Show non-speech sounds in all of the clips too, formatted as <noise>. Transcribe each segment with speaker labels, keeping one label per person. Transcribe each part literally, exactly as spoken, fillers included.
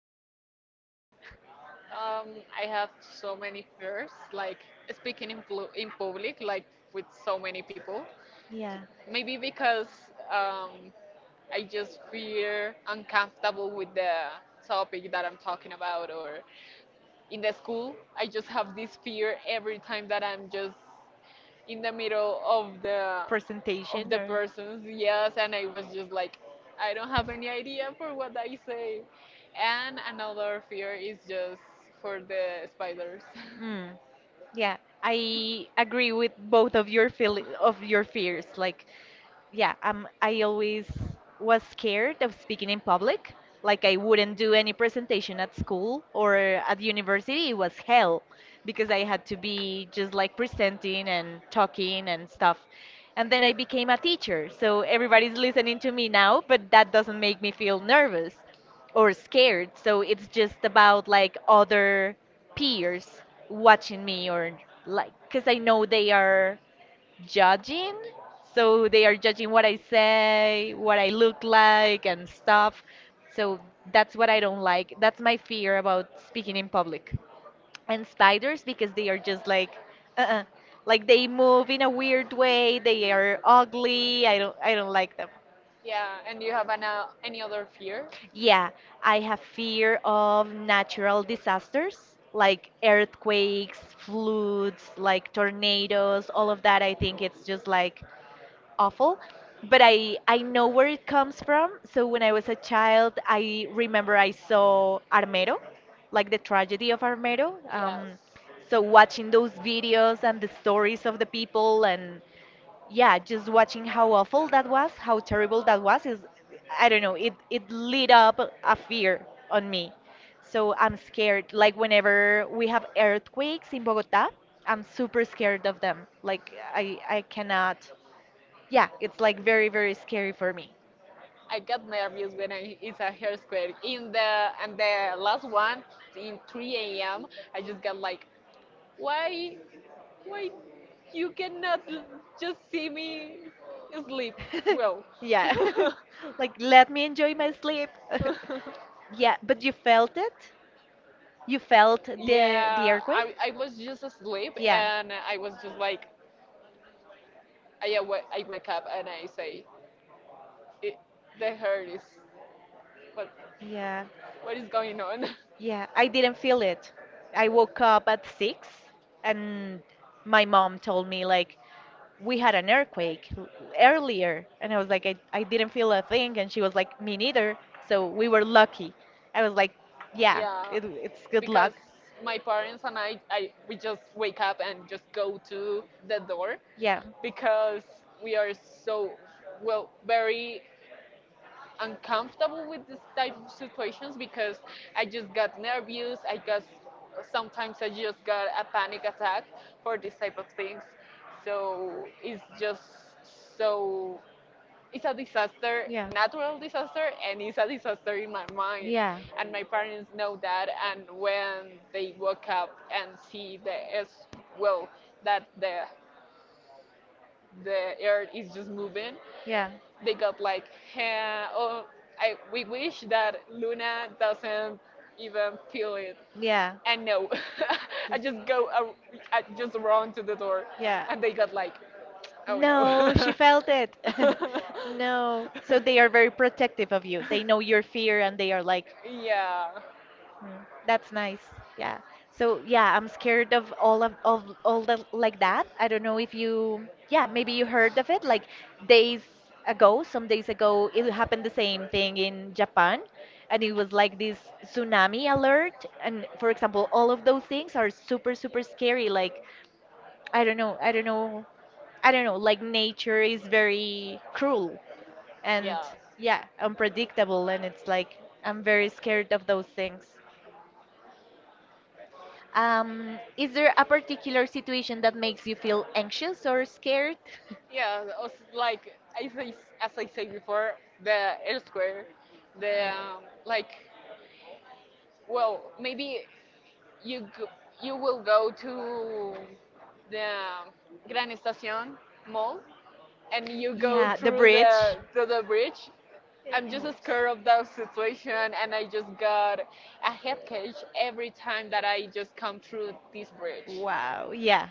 Speaker 1: it seems silly?
Speaker 2: Um, I have so many fears, like speaking in, plu in public, like with so many people.
Speaker 1: Yeah.
Speaker 2: Maybe because um, I just feel uncomfortable with the topic that I'm talking about, or in the school, I just have this fear every time that I'm just in the middle of the of
Speaker 1: Presentation
Speaker 2: the
Speaker 1: or?
Speaker 2: persons. Yes, and I was just like, I don't have any idea for what I say. And another fear is just for the spiders. <laughs>
Speaker 1: Hmm. Yeah, I agree with both of your feel of your fears. Like, yeah, um, I always was scared of speaking in public. Like, I wouldn't do any presentation at school or at university. It was hell because I had to be just like presenting and talking and stuff. And then I became a teacher, so everybody's listening to me now, but that doesn't make me feel nervous or scared. So it's just about like other peers watching me or like because I know they are judging. So they are judging what I say, what I look like, and stuff. So that's what I don't like. That's my fear about speaking in public. And spiders, because they are just like, uh-uh. Like they move in a weird way. They are ugly. I don't, I don't like them.
Speaker 2: Yeah, and you have an, uh, any other fear?
Speaker 1: Yeah, I have fear of natural disasters like earthquakes, floods, like tornadoes, all of that. I think it's just like awful, but i i know where it comes from. So when I was a child, I remember I saw Armero, like the tragedy of Armero. Um,
Speaker 2: Yes.
Speaker 1: so watching those videos and the stories of the people and yeah, just watching how awful that was, how terrible that was, is, I don't know, it it lit up a fear on me. So I'm scared like whenever we have earthquakes in Bogota, I'm super scared of them. Like i i cannot. Yeah, it's like very, very scary for me.
Speaker 2: I get nervous when I, it's a hair square in the and the last one in three a m. I just got like, why, why you cannot l- just see me sleep? Well,
Speaker 1: <laughs> Yeah.
Speaker 2: <laughs>
Speaker 1: <laughs> Like, let me enjoy my sleep. <laughs> Yeah, but you felt it? You felt the, the
Speaker 2: yeah. I
Speaker 1: earthquake?
Speaker 2: I was just asleep
Speaker 1: Yeah.
Speaker 2: and I was just like, I awa I wake up and I say, it, the hair is what
Speaker 1: Yeah,
Speaker 2: what is going on? <laughs>
Speaker 1: yeah, I didn't feel it. I woke up at six and my mom told me like we had an earthquake l- earlier, and I was like, I, I didn't feel a thing, and she was like, me neither. So we were lucky. I was like, yeah,
Speaker 2: Yeah,
Speaker 1: it, it's good luck.
Speaker 2: because my parents and I, I we just wake up and just go to the door
Speaker 1: Yeah,
Speaker 2: because we are so well very uncomfortable with this type of situations because I just got nervous. I guess sometimes I just got a panic attack for this type of things. So it's just so it's a disaster,
Speaker 1: yeah,
Speaker 2: natural disaster, and it's a disaster in my mind.
Speaker 1: yeah,
Speaker 2: And my parents know that, and when they woke up and see the as well that the the earth is just moving,
Speaker 1: yeah,
Speaker 2: they got like, "Huh, oh, I we wish that Luna doesn't even feel it."
Speaker 1: yeah.
Speaker 2: And no, <laughs> I just go, ar- I just run to the door,
Speaker 1: <laughs> Yeah.
Speaker 2: and they got like, oh
Speaker 1: No, she
Speaker 2: no.
Speaker 1: felt it. <laughs> No. So they are very protective of you. They know your
Speaker 2: <laughs> <laughs>
Speaker 1: fear and they are like,
Speaker 2: Yeah.
Speaker 1: "Mm, that's nice." Yeah. So yeah, I'm scared of all of, of all the like that. I don't know if you, yeah, maybe you heard of it like days ago, some days ago, it happened the same thing in Japan. And it was like this tsunami alert. And for example, all of those things are super, super scary. Like, I don't know, I don't know, I don't know, like nature is very cruel and
Speaker 2: Yeah.
Speaker 1: yeah, unpredictable, and it's like I'm very scared of those things. Um, is there a particular situation that makes you feel anxious or scared? <laughs>
Speaker 2: Yeah, also like as I, s- as I said before, the elsewhere, the um, like, well, maybe you go, you will go to the Gran Estación mall and you
Speaker 1: Yeah.
Speaker 2: go
Speaker 1: Yeah, the
Speaker 2: through the
Speaker 1: bridge.
Speaker 2: to the bridge. I'm just scared of that situation, and I just got a head cage every time that I just come through this bridge
Speaker 1: Wow, yeah.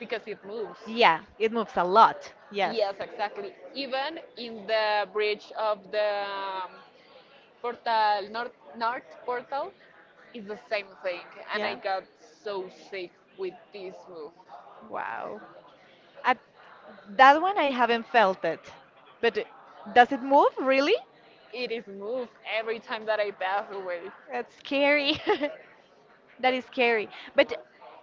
Speaker 2: because it moves.
Speaker 1: Yeah, it moves a lot. Yes.
Speaker 2: Yes, exactly. Even in the bridge of the um, Portal North, North Portal, it's the same thing, and I got so sick with this move.
Speaker 1: Wow. At that one, I haven't felt it. But it- does it move really?
Speaker 2: It is moved every time that I pass away.
Speaker 1: That's scary. <laughs> That is scary. But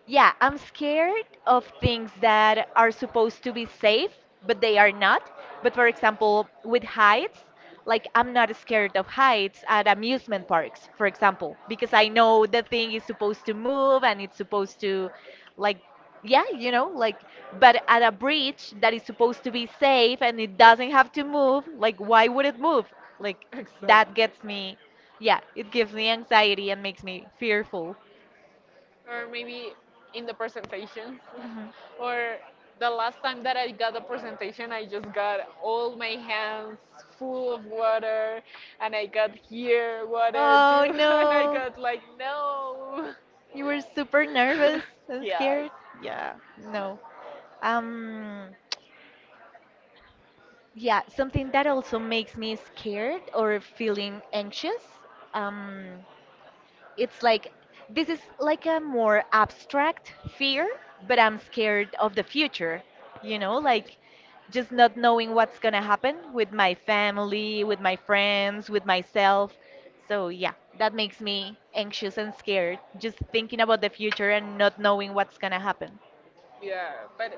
Speaker 1: yeah, I'm scared of things that are supposed to be safe, but they are not. But for example, with heights, like, I'm not scared of heights at amusement parks, for example, because I know the thing is supposed to move and it's supposed to, like, yeah, you know, like, but at a bridge that is supposed to be safe and it doesn't have to move, like,
Speaker 2: I
Speaker 1: why would
Speaker 2: wouldn't
Speaker 1: it
Speaker 2: move.
Speaker 1: move? Like,
Speaker 2: Like,
Speaker 1: that
Speaker 2: that gets
Speaker 1: gets
Speaker 2: me.
Speaker 1: me. Yeah, it gives me anxiety and makes me fearful.
Speaker 2: Or maybe in the presentations,
Speaker 1: Mhm.
Speaker 2: <laughs> or the last time that I got a presentation I just got all my hands full of water and I got here water
Speaker 1: Oh
Speaker 2: too. <laughs> And I
Speaker 1: no.
Speaker 2: got like no. <laughs>
Speaker 1: You were
Speaker 2: You
Speaker 1: super
Speaker 2: were super nervous.
Speaker 1: nervous
Speaker 2: <laughs>
Speaker 1: and
Speaker 2: Yes.
Speaker 1: scared? Yeah, no. Um, yeah, something that also makes me scared or feeling anxious. Um, it's like, this is like a more abstract fear, but I'm scared of the future, you know, like just not knowing what's gonna happen with my family, with my friends, with myself. So yeah, that makes me anxious and scared, just thinking about the future and not knowing what's gonna happen.
Speaker 2: Yeah, but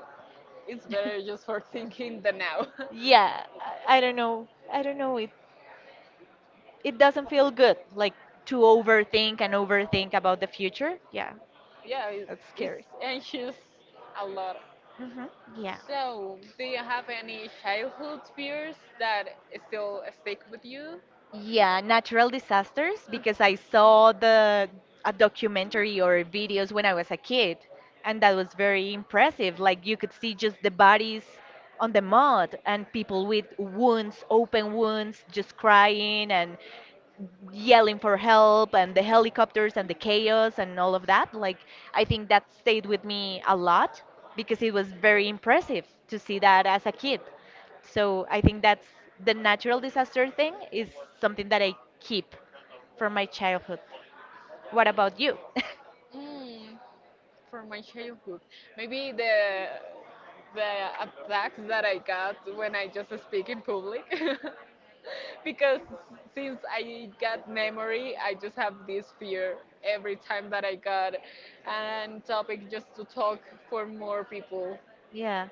Speaker 2: it's better
Speaker 1: <laughs>
Speaker 2: just for thinking the now.
Speaker 1: Yeah, I, I don't know. I don't know. It it doesn't feel good, like to overthink and overthink about the future. Yeah,
Speaker 2: <laughs> Yeah, it,
Speaker 1: that's
Speaker 2: it's
Speaker 1: scary.
Speaker 2: anxious a lot.
Speaker 1: Hmm. Yeah.
Speaker 2: So, do you have any childhood fears that still stick with you?
Speaker 1: Yeah, natural disasters because I saw the a documentary or videos when I was a kid, and that was very impressive. Like, you could see just the bodies on the mud and people with wounds, open wounds, just crying and yelling for help and the helicopters and the chaos and all of that. Like, I think that stayed with me a lot because it was very impressive to see that as a kid. So I think that's the natural disaster thing is something that I keep from my childhood. What about you? <laughs>
Speaker 2: Mm, from my childhood, maybe the the attacks that I got when I just speak in public, <laughs> because since I got memory, I just have this fear every time that I got an topic just to talk for more people.
Speaker 1: Yeah,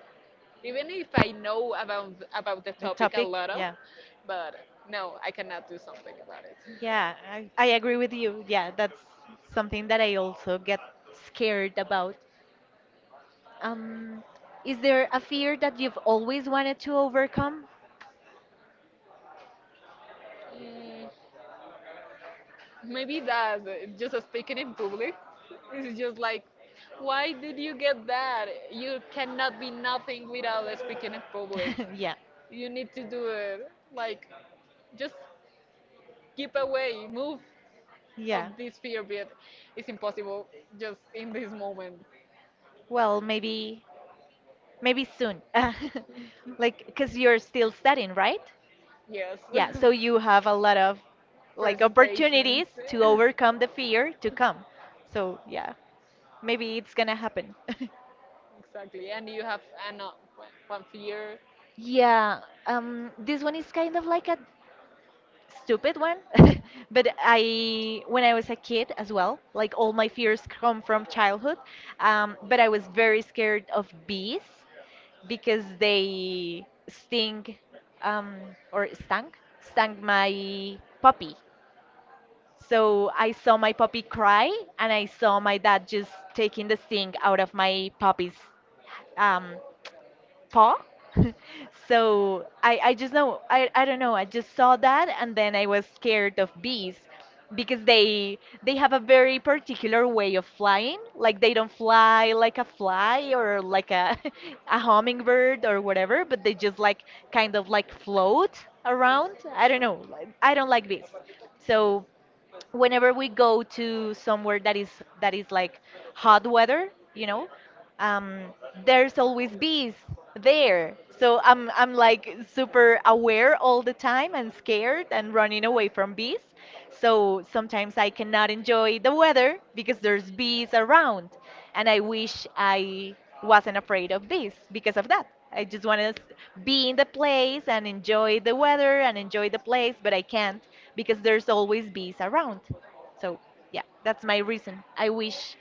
Speaker 2: Even if I know about about the
Speaker 1: the
Speaker 2: topic a
Speaker 1: topic.
Speaker 2: lot of,
Speaker 1: Yeah,
Speaker 2: but no, I cannot do something about it.
Speaker 1: yeah, I, I agree with you. Yeah, that's something that I also get scared about. Um, is there a fear that you've always wanted to overcome?
Speaker 2: Mm, maybe that just speaking in public is just like, why did you get that? You cannot be nothing without speaking in public.
Speaker 1: <laughs> Yeah,
Speaker 2: You need to do it. Like, just keep away, move of
Speaker 1: yeah.
Speaker 2: this fear, but it's impossible just in this moment.
Speaker 1: Well, maybe maybe soon. <laughs> Like, because you're still studying, right?
Speaker 2: Yes,
Speaker 1: Yeah, so you have a lot of
Speaker 2: <laughs>
Speaker 1: like
Speaker 2: presentations.
Speaker 1: opportunities to overcome the fear to come.
Speaker 2: <laughs>
Speaker 1: So, yeah, maybe it's gonna happen. <laughs>
Speaker 2: Exactly, and you have an uh, one fear.
Speaker 1: Yeah, um, this one is kind of like a stupid one. <laughs> But I when I was a kid as well, like all my fears come from childhood. Um, but I was very scared of bees because they sting. um, or stung stung my puppy. So I saw my puppy cry, and I saw my dad just taking the sting out of my puppy's, um, paw. <laughs> So I, I just know, I, I don't know, I just saw that, and then I was scared of bees because they they have a very particular way of flying. Like, they don't fly like a fly or like a <laughs> a hummingbird or whatever, but they just like kind of like float around. I don't know, like- I don't like bees. So whenever we go to somewhere that is that is like hot weather, you know, um, there's always bees there. So I'm I'm like super aware all the time and scared and running away from bees. So sometimes I cannot enjoy the weather because there's bees around, and I wish I wasn't afraid of this because of that. I just want to be in the place and enjoy the weather and enjoy the place, but I can't because there's always bees around. So, yeah, that's my reason. I wish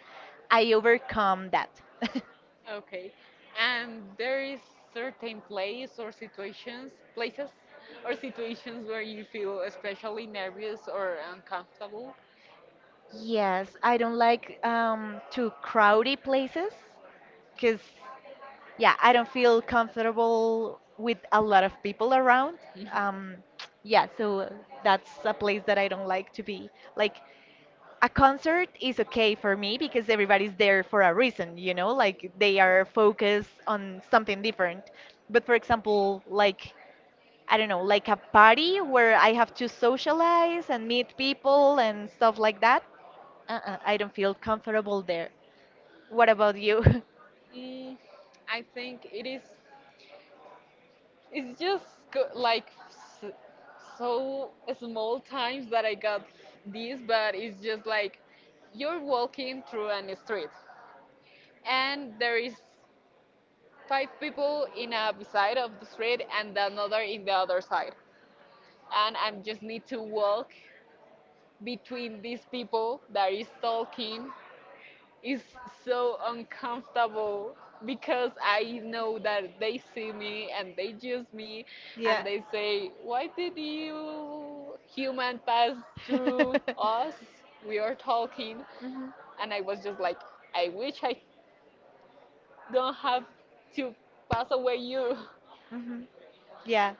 Speaker 1: I overcome that. <laughs>
Speaker 2: Okay, and there is certain place or situations, places or situations where you feel especially nervous or uncomfortable.
Speaker 1: Yes, I don't like um, to crowdy places because, yeah, I don't feel comfortable with a lot of people around.
Speaker 2: <laughs>
Speaker 1: Um, yeah, so that's a place that I don't like to be. Like, a concert is okay for me because everybody's there for a reason, you know, like they are focused on something different. But for example, like, I don't know, like a party where I have to socialize and meet people and stuff like that. Uh-uh, I don't feel comfortable there. What about you? <laughs>
Speaker 2: Mm, I think it is. It's just go- like s- so small times that I got this, but it's just like you're walking through an street and there is five people in a side of the street and another in the other side and I just need to walk between these people that is talking. It's so uncomfortable because I know that they see me and they judge me and
Speaker 1: Yeah.
Speaker 2: they say why did you human pass through us, we are talking,
Speaker 1: Mhm,
Speaker 2: and I was just like I wish I don't have to pass away you. <laughs>
Speaker 1: mhm. Yeah.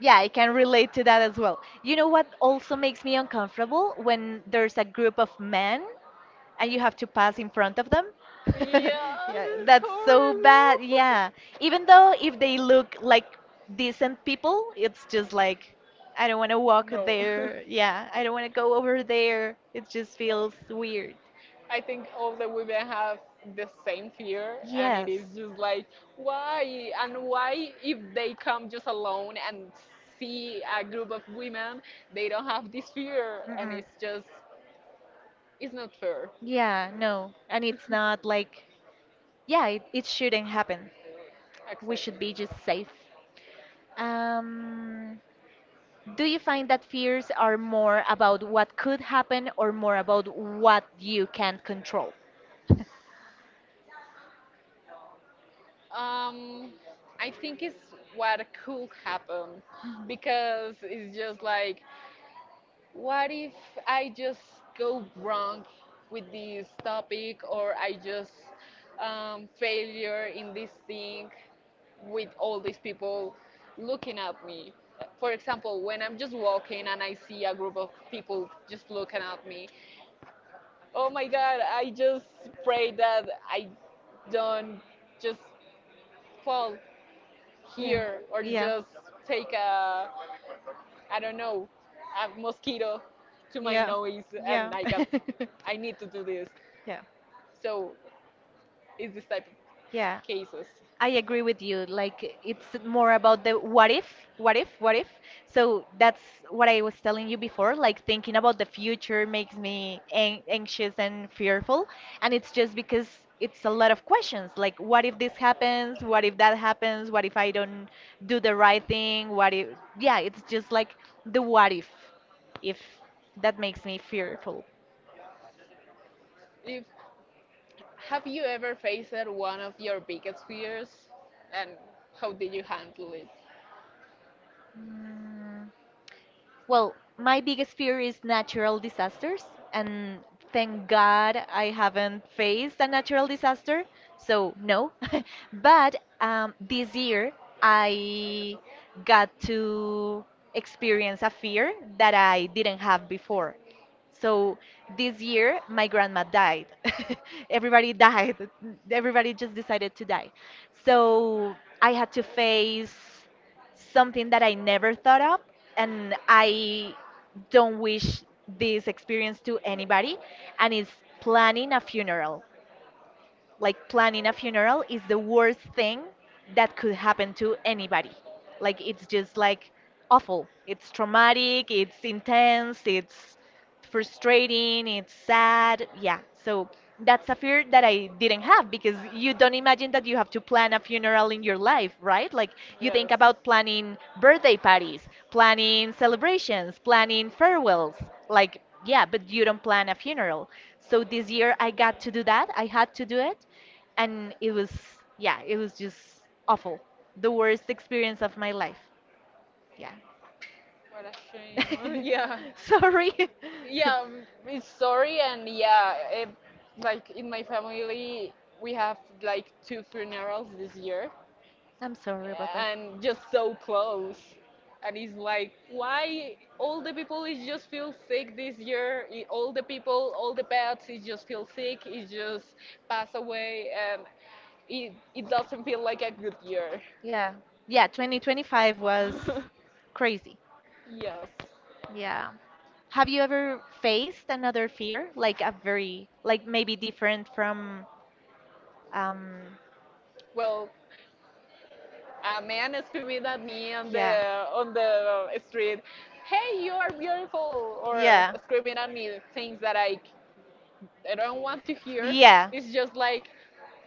Speaker 1: Yeah, I can relate to that as well. You know what also makes me uncomfortable when there's a group of men and you have to pass in front of them? <laughs>
Speaker 2: Yeah,
Speaker 1: Yeah,
Speaker 2: this is
Speaker 1: that's so bad.
Speaker 2: horrible.
Speaker 1: Yeah.
Speaker 2: <laughs>
Speaker 1: Even though if they look like decent people, it's just like,
Speaker 2: Yeah.
Speaker 1: I don't want to walk
Speaker 2: No. Away.
Speaker 1: there. Yeah, I don't want to go over there. It just feels weird.
Speaker 2: <laughs> I think all the women have the same fear, and it is
Speaker 1: Yes.
Speaker 2: just like, why? And why, if they come just alone and see a group of women, they don't have this fear? And
Speaker 1: Mm-mm.
Speaker 2: it's just, it's not fair.
Speaker 1: Yeah, no. And it's not like, yeah, it, it shouldn't happen. We
Speaker 2: Exactly.
Speaker 1: should be just safe. Um, do you find that fears are more about what could happen or more about what you can control?
Speaker 2: Um, I think it's what could happen
Speaker 1: Mhm.
Speaker 2: because it's just like what if I just go wrong with this topic or I just um, failure in this thing with all these people looking at me? For example, when I'm just walking and I see a group of people just looking at me, oh my God, I just pray that I don't just fall
Speaker 1: Yeah.
Speaker 2: here or
Speaker 1: Yeah.
Speaker 2: just take a I don't know, a mosquito to my
Speaker 1: Yeah.
Speaker 2: nose, and
Speaker 1: Yeah.
Speaker 2: I got,
Speaker 1: <laughs>
Speaker 2: I need to do this.
Speaker 1: Yeah.
Speaker 2: So it's this type of
Speaker 1: Yeah.
Speaker 2: cases.
Speaker 1: I agree with you. Like, it's more about the what if, what if, what if. So that's what I was telling you before. Like, thinking about the future makes me an anxious and fearful, and it's just because it's a lot of questions. Like, what if this happens? What if that happens? What if I don't do the right thing? What if? Yeah, it's just like the what if, if that makes me fearful.
Speaker 2: If have you ever faced one of your biggest fears, and how did you handle it?
Speaker 1: Mm. Well, my biggest fear is natural disasters, and thank God I haven't faced a natural disaster, so no. <laughs> But um, this year I got to experience a fear that I didn't have before. So this year my grandma died. <laughs> Everybody died. Everybody just decided to die. So I had to face something that I never thought of, and I don't wish this experience to anybody, and it's planning a funeral. Like, planning a funeral is the worst thing that could happen to anybody. Like, it's just like awful. It's traumatic, it's intense, it's frustrating, it's sad. Yeah. So that's a fear that I didn't have because you don't imagine that you have to plan a funeral in your life, right? Like, you think
Speaker 2: Yes.
Speaker 1: about planning birthday parties, planning celebrations, planning farewells. Like, yeah, but you don't plan a funeral. So this year I got to do that. I had to do it and it was yeah it was just awful, the worst experience of my life. Yeah.
Speaker 2: What a shame. <laughs> Yeah.
Speaker 1: <laughs> Sorry.
Speaker 2: Yeah, um, it's sorry and yeah, it, like in my family we have like two funerals this year.
Speaker 1: <laughs> I'm sorry about that.
Speaker 2: And just so close. And it's like, why all the people is just feel sick this year? I- All the people, all the pets, it just feel sick. It just pass away, and it it doesn't feel like a good year.
Speaker 1: Yeah. Yeah, twenty twenty-five was crazy.
Speaker 2: <laughs> Yes.
Speaker 1: Yeah, have you ever faced another fear, like a very like maybe different from um
Speaker 2: Well, a man screaming at me on the
Speaker 1: yeah.
Speaker 2: on the street, "Hey, you are beautiful!" or
Speaker 1: Yeah.
Speaker 2: screaming at me things that I I don't want to hear. Yeah.
Speaker 1: Yeah.
Speaker 2: It's just like,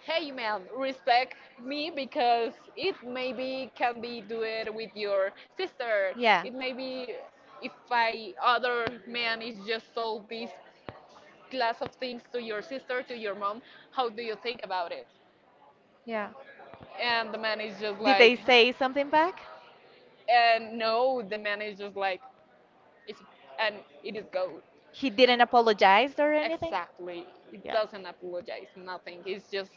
Speaker 2: hey man, respect me because it maybe can be do it with your sister.
Speaker 1: Yeah.
Speaker 2: Yeah. It maybe if I other man is just sold this class of things to your sister, to your mom, how do you think about it?
Speaker 1: Yeah.
Speaker 2: And the man is just
Speaker 1: Did they,
Speaker 2: like,
Speaker 1: like, say something back?
Speaker 2: and no, the man is just like, it's and it is go
Speaker 1: He didn't apologize or anything?
Speaker 2: exactly. It
Speaker 1: Yeah.
Speaker 2: doesn't apologize, nothing. It's just,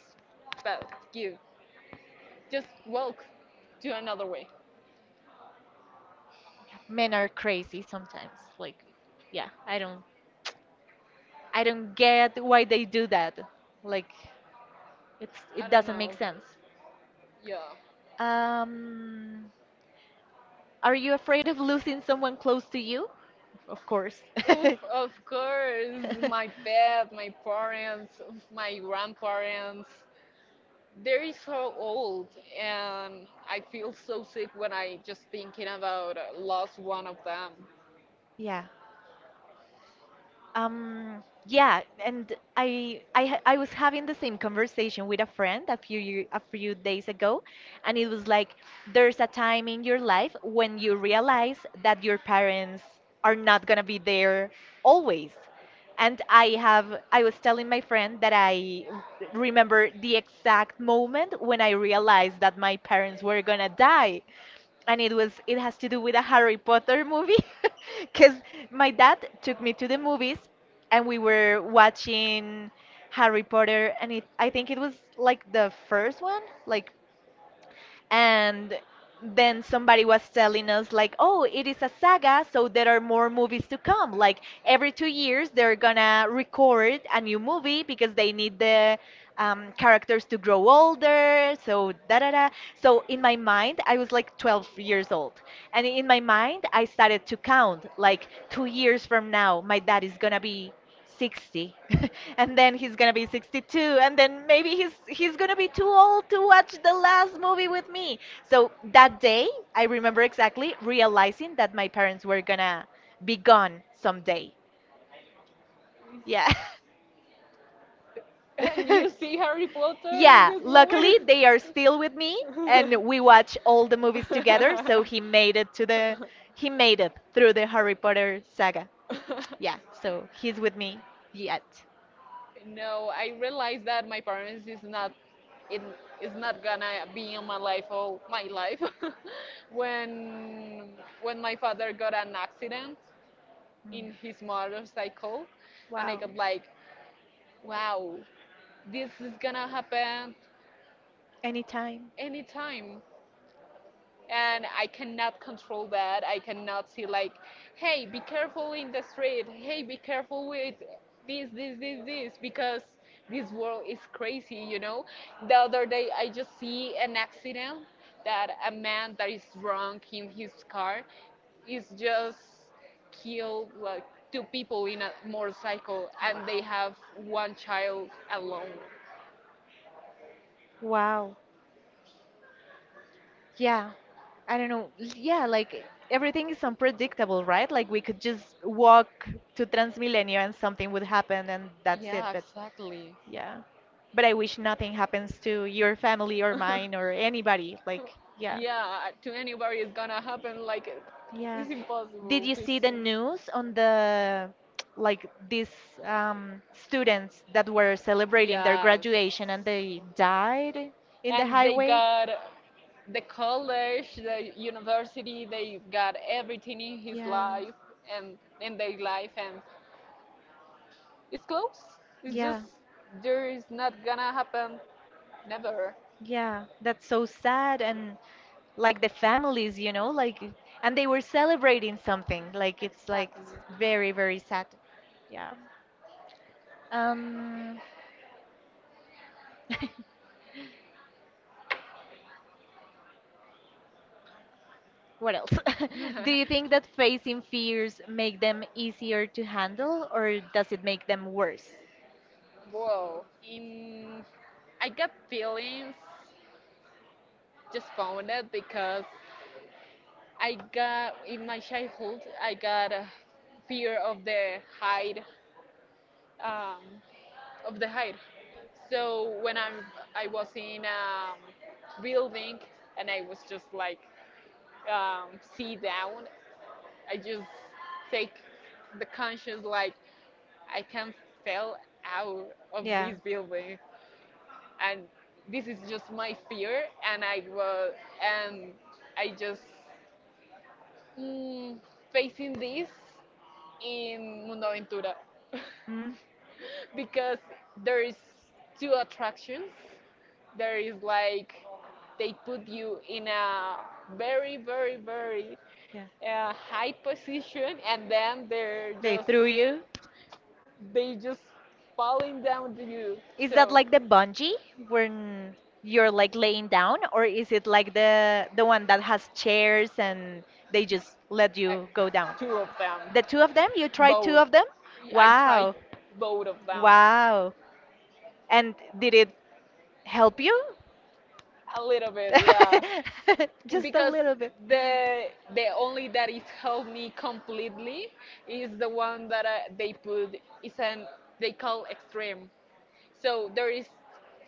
Speaker 2: well, give. Just walk to another way.
Speaker 1: Yeah, men are crazy sometimes. Like, yeah, I don't, I don't get why they do that. Like, it's
Speaker 2: I
Speaker 1: it
Speaker 2: don't
Speaker 1: doesn't make
Speaker 2: know.
Speaker 1: sense.
Speaker 2: Yeah.
Speaker 1: Um, are you afraid of losing someone close to you? Of course. <laughs>
Speaker 2: <laughs> Oof, of course,
Speaker 1: <laughs>
Speaker 2: my pet, my parents, my grandparents. They're so old, and I feel so sick when I just thinking about uh, lost one of them. <laughs>
Speaker 1: Yeah. Um, yeah, and I I ha- I was having the same conversation with a friend a few year, a few days ago, and it was like there's a time in your life when you realize that your parents are not gonna be there always. And I have I was telling my friend that I r- remember the exact moment when I realized that my parents were gonna die. And it was it has to do with a Harry Potter movie. Because my dad took me to the movies and we were watching Harry Potter, and it, I think it was like the first one, like, and then somebody was telling us like, oh, it is a saga, so there are more movies to come, like every two years they're gonna record a new movie because they need the um, characters to grow older, so da da da. So in my mind I was like twelve years old, and in my mind I started to count, like, two years from now my dad is gonna be sixty, <laughs> and then he's gonna be sixty-two, and then maybe he's he's gonna be too old to watch the last movie with me. So that day I remember exactly realizing that my parents were gonna be gone someday. Yeah.
Speaker 2: And you
Speaker 1: <laughs>
Speaker 2: see Harry Potter yeah, in
Speaker 1: Yeah,
Speaker 2: this moment?
Speaker 1: luckily they are still with me, and we watch all the movies together, so he made it to the he made it through the Harry Potter saga.
Speaker 2: <laughs> <laughs>
Speaker 1: Yeah,
Speaker 2: <laughs> <laughs>
Speaker 1: so he's with me yet.
Speaker 2: <laughs> <laughs> <laughs> No, I realized that my parents is not it is not gonna be in my life all my life. <laughs> when when my father got an accident
Speaker 1: Mm.
Speaker 2: in his motorcycle, and I got like, wow, this is gonna happen
Speaker 1: Anytime.
Speaker 2: anytime. And I cannot control that. I cannot see like, hey, be careful in the street. Hey, be careful with this, this, this, this, because this world is crazy. You know. The other day, I just see an accident that a man that is drunk in his car is just killed like two people in a motorcycle and they
Speaker 1: Wow.
Speaker 2: have one child alone.
Speaker 1: Wow. Yeah. I don't know. L- Yeah, like everything is unpredictable, right? Like we could just walk to Transmilenio and something would happen and that's it.
Speaker 2: Yeah,
Speaker 1: But
Speaker 2: exactly.
Speaker 1: yeah. But I wish nothing happens to your family or mine or
Speaker 2: <laughs>
Speaker 1: anybody. Like, yeah.
Speaker 2: Yeah, to anybody it's gonna happen. Like
Speaker 1: Yeah.
Speaker 2: it's
Speaker 1: Did
Speaker 2: impossible
Speaker 1: you
Speaker 2: to
Speaker 1: see
Speaker 2: see.
Speaker 1: the news on the <tsk> like these um, students that were celebrating their
Speaker 2: Yeah,
Speaker 1: graduation and they died in the
Speaker 2: and they
Speaker 1: highway?
Speaker 2: got the college, the university, they got everything in his
Speaker 1: Yeah,
Speaker 2: life and in their life, and it's close. It's just
Speaker 1: yeah,
Speaker 2: there is not gonna happen, never.
Speaker 1: yeah. That's so sad, and like the families, you know, like, and they were celebrating something. Like it's like
Speaker 2: Exactly.
Speaker 1: s- very, very sad. Yeah. Um <laughs> What else? <laughs> Do you think
Speaker 2: <laughs>
Speaker 1: that facing fears make them easier to handle, or does it make them worse?
Speaker 2: Well, in I got feelings just found it because I got in my childhood I got a fear of the height, um, of the height. So when I'm I was in um, building and I was just like um, see down, I just take the conscious like I can't fell out of
Speaker 1: Yeah.
Speaker 2: this building, and this is just my fear. And I was, and I just mm, facing this in Mundo Aventura. <laughs>
Speaker 1: Mm.
Speaker 2: Because there is two attractions. There is like they put you in a very, very, very
Speaker 1: Yeah.
Speaker 2: uh, high position, and then they're
Speaker 1: They
Speaker 2: just
Speaker 1: threw you.
Speaker 2: they just falling down to you.
Speaker 1: Is that
Speaker 2: So
Speaker 1: like the bungee when you're like laying down, or is it like the the one that has chairs and they just let
Speaker 2: Uh,
Speaker 1: you go down?
Speaker 2: two of them.
Speaker 1: The two of them? You tried two
Speaker 2: Both.
Speaker 1: of them?
Speaker 2: I tried
Speaker 1: Wow.
Speaker 2: both of them.
Speaker 1: Wow. And did it help you?
Speaker 2: A little bit, yeah.
Speaker 1: <laughs>
Speaker 2: <laughs>
Speaker 1: Just a
Speaker 2: Because
Speaker 1: little bit.
Speaker 2: the the only that it helped me completely is the one that I, they put is an they call extreme. So there is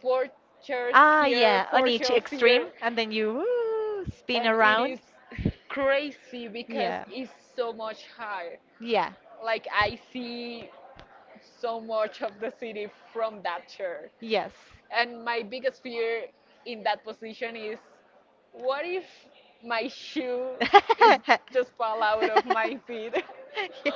Speaker 2: four chairs
Speaker 1: Ah,
Speaker 2: here,
Speaker 1: yeah, on
Speaker 2: four
Speaker 1: each
Speaker 2: shelves here,
Speaker 1: extreme, and then you woo, spin
Speaker 2: it
Speaker 1: around.
Speaker 2: is crazy because
Speaker 1: Yeah.
Speaker 2: it's so much higher.
Speaker 1: Yeah.
Speaker 2: Like I see so much of the city from that chair.
Speaker 1: Yes.
Speaker 2: And my biggest fear in that position is what if my shoe <laughs> is just fall
Speaker 1: <laughs>
Speaker 2: out of my feet? <laughs>
Speaker 1: Yeah.
Speaker 2: I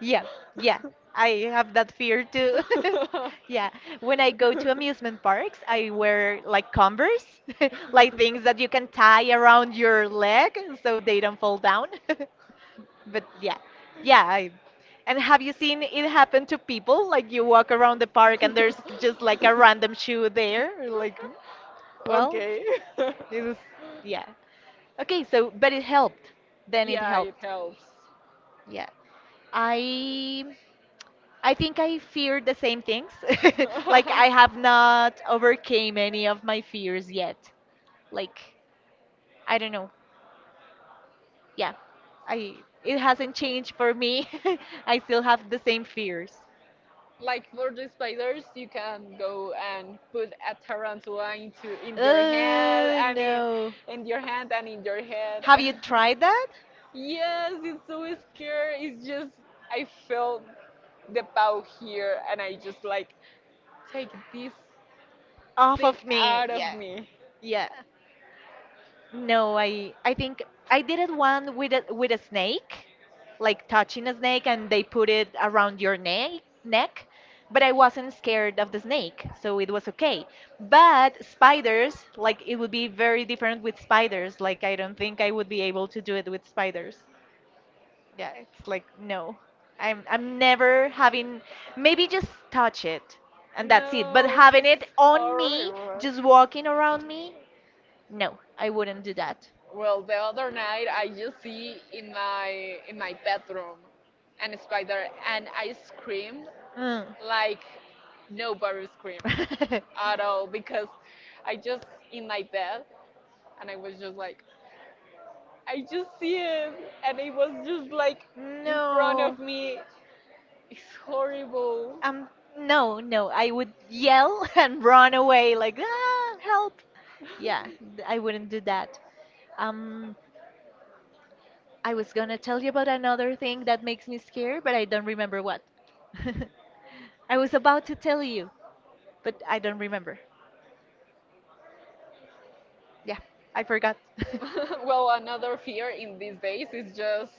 Speaker 1: Yeah, yeah. I have that fear too.
Speaker 2: <laughs>
Speaker 1: <laughs>
Speaker 2: when
Speaker 1: Yeah, when I go to amusement parks, I wear like Converse, <laughs>
Speaker 2: I
Speaker 1: like
Speaker 2: <laughs>
Speaker 1: things that you can tie around your leg so they don't fall down. <laughs> But yeah, yeah. I, and have you seen it happen to people? Like you walk around the park and there's just like a random
Speaker 2: <laughs>
Speaker 1: shoe there. Like, well,
Speaker 2: okay.
Speaker 1: it was, yeah. Okay, so but it helped.
Speaker 2: <laughs>
Speaker 1: Then it
Speaker 2: Yeah, it
Speaker 1: helped.
Speaker 2: helps.
Speaker 1: Yeah. I I think I feared the same things. <laughs> Like I have not
Speaker 2: <laughs>
Speaker 1: overcame any of my fears yet. Like, I don't know. Yeah. I It hasn't changed for me. <laughs> I still have the same fears.
Speaker 2: Like for the spiders, you can go and put a tarantula into in your hand
Speaker 1: Oh
Speaker 2: and in,
Speaker 1: no.
Speaker 2: in your hand and in your head.
Speaker 1: Have you tried that?
Speaker 2: <laughs> Yes, it's so scary. It's just I felt the bow here, and I just like take this
Speaker 1: Off
Speaker 2: thing
Speaker 1: of me.
Speaker 2: out of
Speaker 1: Yeah.
Speaker 2: me.
Speaker 1: Yeah. No, I I think I did it one with a with a snake, like touching a snake and they put it around your neck neck, but I wasn't scared of the snake, so it was okay. But spiders, like it would be very different with spiders. Like I don't think I would be able to do it with spiders. Yeah, it's like no. I'm I'm never having, maybe just touch it and that's it. But
Speaker 2: No,
Speaker 1: having it
Speaker 2: it's
Speaker 1: on me,
Speaker 2: horrible.
Speaker 1: just walking around me, no, I wouldn't do that.
Speaker 2: Well, the other night I just see in my in my bedroom an spider and I scream
Speaker 1: Mm.
Speaker 2: like nobody scream
Speaker 1: <laughs>
Speaker 2: at all because I just in my bed and I was just like I just see it and it was just like in front of
Speaker 1: No.
Speaker 2: me. It's horrible.
Speaker 1: Um, no, no, I would yell <laughs> and run away like, ah, help. Yeah, th- I wouldn't do that. Um, I was gonna tell you about another thing that makes me scared, but I don't remember what. <laughs> I was about to tell you, but I don't remember. Yeah, I forgot. <laughs>
Speaker 2: <laughs> Well, another fear in these days is just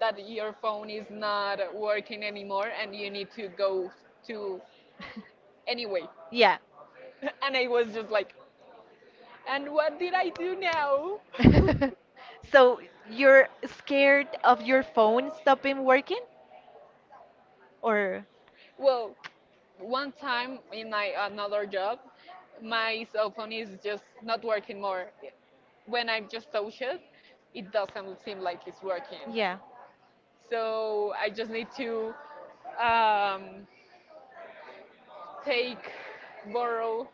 Speaker 2: that your phone is not working anymore and you need to go to anyway. <laughs>
Speaker 1: Yeah.
Speaker 2: And I was just like, and what did I do now?
Speaker 1: <laughs> So you're scared of your phone stopping working? Or
Speaker 2: <laughs> Well, one time in my another job, my cell phone is just not working more. When I just touch it, it doesn't seem like it's working.
Speaker 1: yeah.
Speaker 2: So I just need to um, take, borrow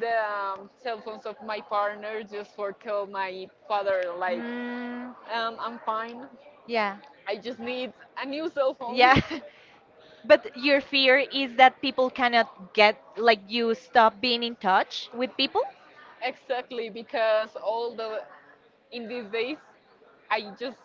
Speaker 2: the um, cell phones of my partner just for tell my father like
Speaker 1: Mm,
Speaker 2: um, I'm fine.
Speaker 1: yeah.
Speaker 2: I just need a new cell phone.
Speaker 1: Yeah,
Speaker 2: Yeah.
Speaker 1: <laughs> but your fear is that people cannot get, like, you stop being in touch with people?
Speaker 2: <laughs> Exactly, because all the in these days, I just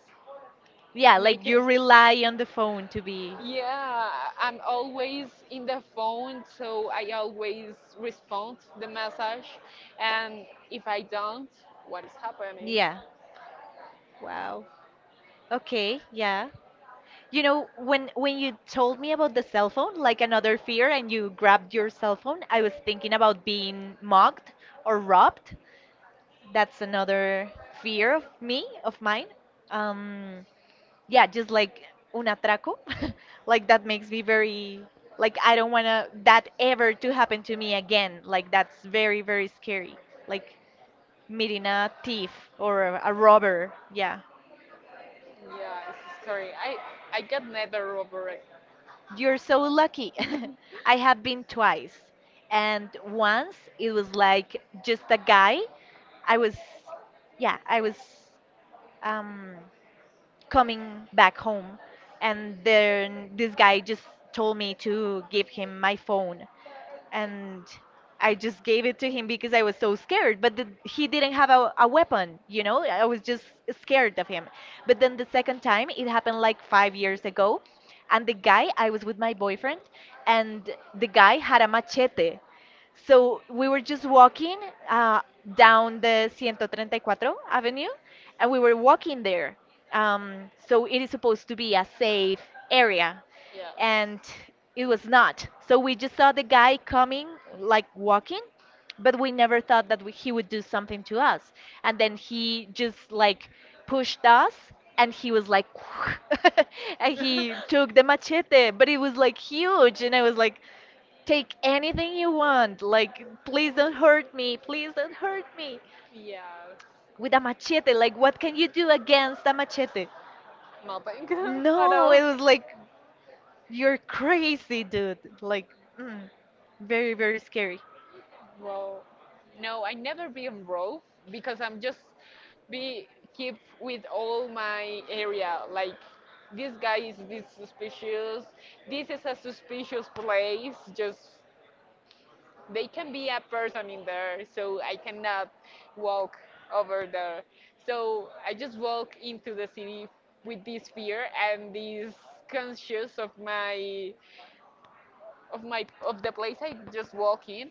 Speaker 2: Yeah.
Speaker 1: Yeah, like
Speaker 2: Make it.
Speaker 1: you rely on the phone to be.
Speaker 2: Yeah, I'm always in the phone, so I always respond the message, and if I don't, what is happening? Yeah,
Speaker 1: Yeah. Wow. Okay, yeah. You know, when when you told me about the cell phone, like another fear, and you grabbed your cell phone, I was thinking about being mugged or robbed. That's another fear of me of mine. um yeah, just like un atraco. <laughs> Like that makes me very, like I don't want to that ever to happen to me again. Like, that's very, very scary. Like meeting a thief or a, a robber. Yeah,
Speaker 2: yeah, it's scary. I I get never over it.
Speaker 1: you're so lucky. <laughs> I have been twice, and once it was like just a guy. I was Yeah, I was um coming back home, and then this guy just told me to give him my phone, and I just gave it to him because I was so scared. But the, he didn't have a, a weapon, you know? I was just scared of him. But then the second time, it happened like five years ago. And the guy, I was with my boyfriend, and the guy had a machete. So we were just walking uh, down the one three four Avenue, and we were walking there. Um, so it is supposed to be a safe area,
Speaker 2: Yes.
Speaker 1: and it was not. So we just saw the guy coming, like walking, but we never thought that we, he would do something to us. And then he just like pushed us, and he was like, <laughs> and he took the
Speaker 2: <laughs>
Speaker 1: machete, but it was like huge, and I was like, take anything you want, like please don't hurt me, please don't hurt me
Speaker 2: Yes.
Speaker 1: with a machete. Like, what can you do against a machete?
Speaker 2: Nothing <laughs> at
Speaker 1: No,
Speaker 2: all.
Speaker 1: it was like, you're crazy, dude. Like, mm, very, very scary.
Speaker 2: Well, no, I never be on road because I'm just be keep with all my area. Like this guy is this suspicious. This is a suspicious place. Just they can be a person in there, so I cannot walk over there. So I just walk into the city with this fear and this conscious of my of my of the place I just walk in,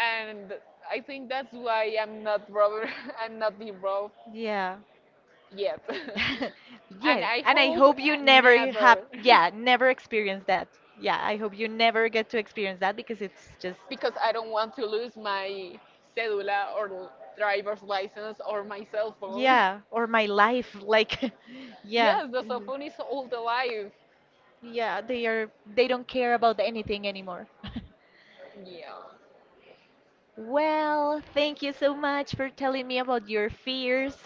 Speaker 2: and I think that's why I'm not robber. <laughs> I'm not being robbed
Speaker 1: Yeah.
Speaker 2: yet,
Speaker 1: <laughs>
Speaker 2: <laughs> and
Speaker 1: Yeah.
Speaker 2: I and
Speaker 1: And I
Speaker 2: hope
Speaker 1: hope you
Speaker 2: uh, never,
Speaker 1: never have,
Speaker 2: never.
Speaker 1: yeah, never experience that. Yeah. I hope you never get to experience that because it's just,
Speaker 2: <laughs> Because I don't want to lose my cédula or driver's license or my cell phone. <laughs>
Speaker 1: yeah. Or my life. Like, <laughs> yeah.
Speaker 2: Yes, the cell
Speaker 1: Mhm.
Speaker 2: phone is all the life.
Speaker 1: Yeah. They are, they don't care about anything anymore. <laughs>
Speaker 2: Yeah,
Speaker 1: Well, thank you so much for telling me about your fears.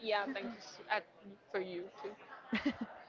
Speaker 2: yeah. Thank you s- uh, for you too.
Speaker 1: <laughs>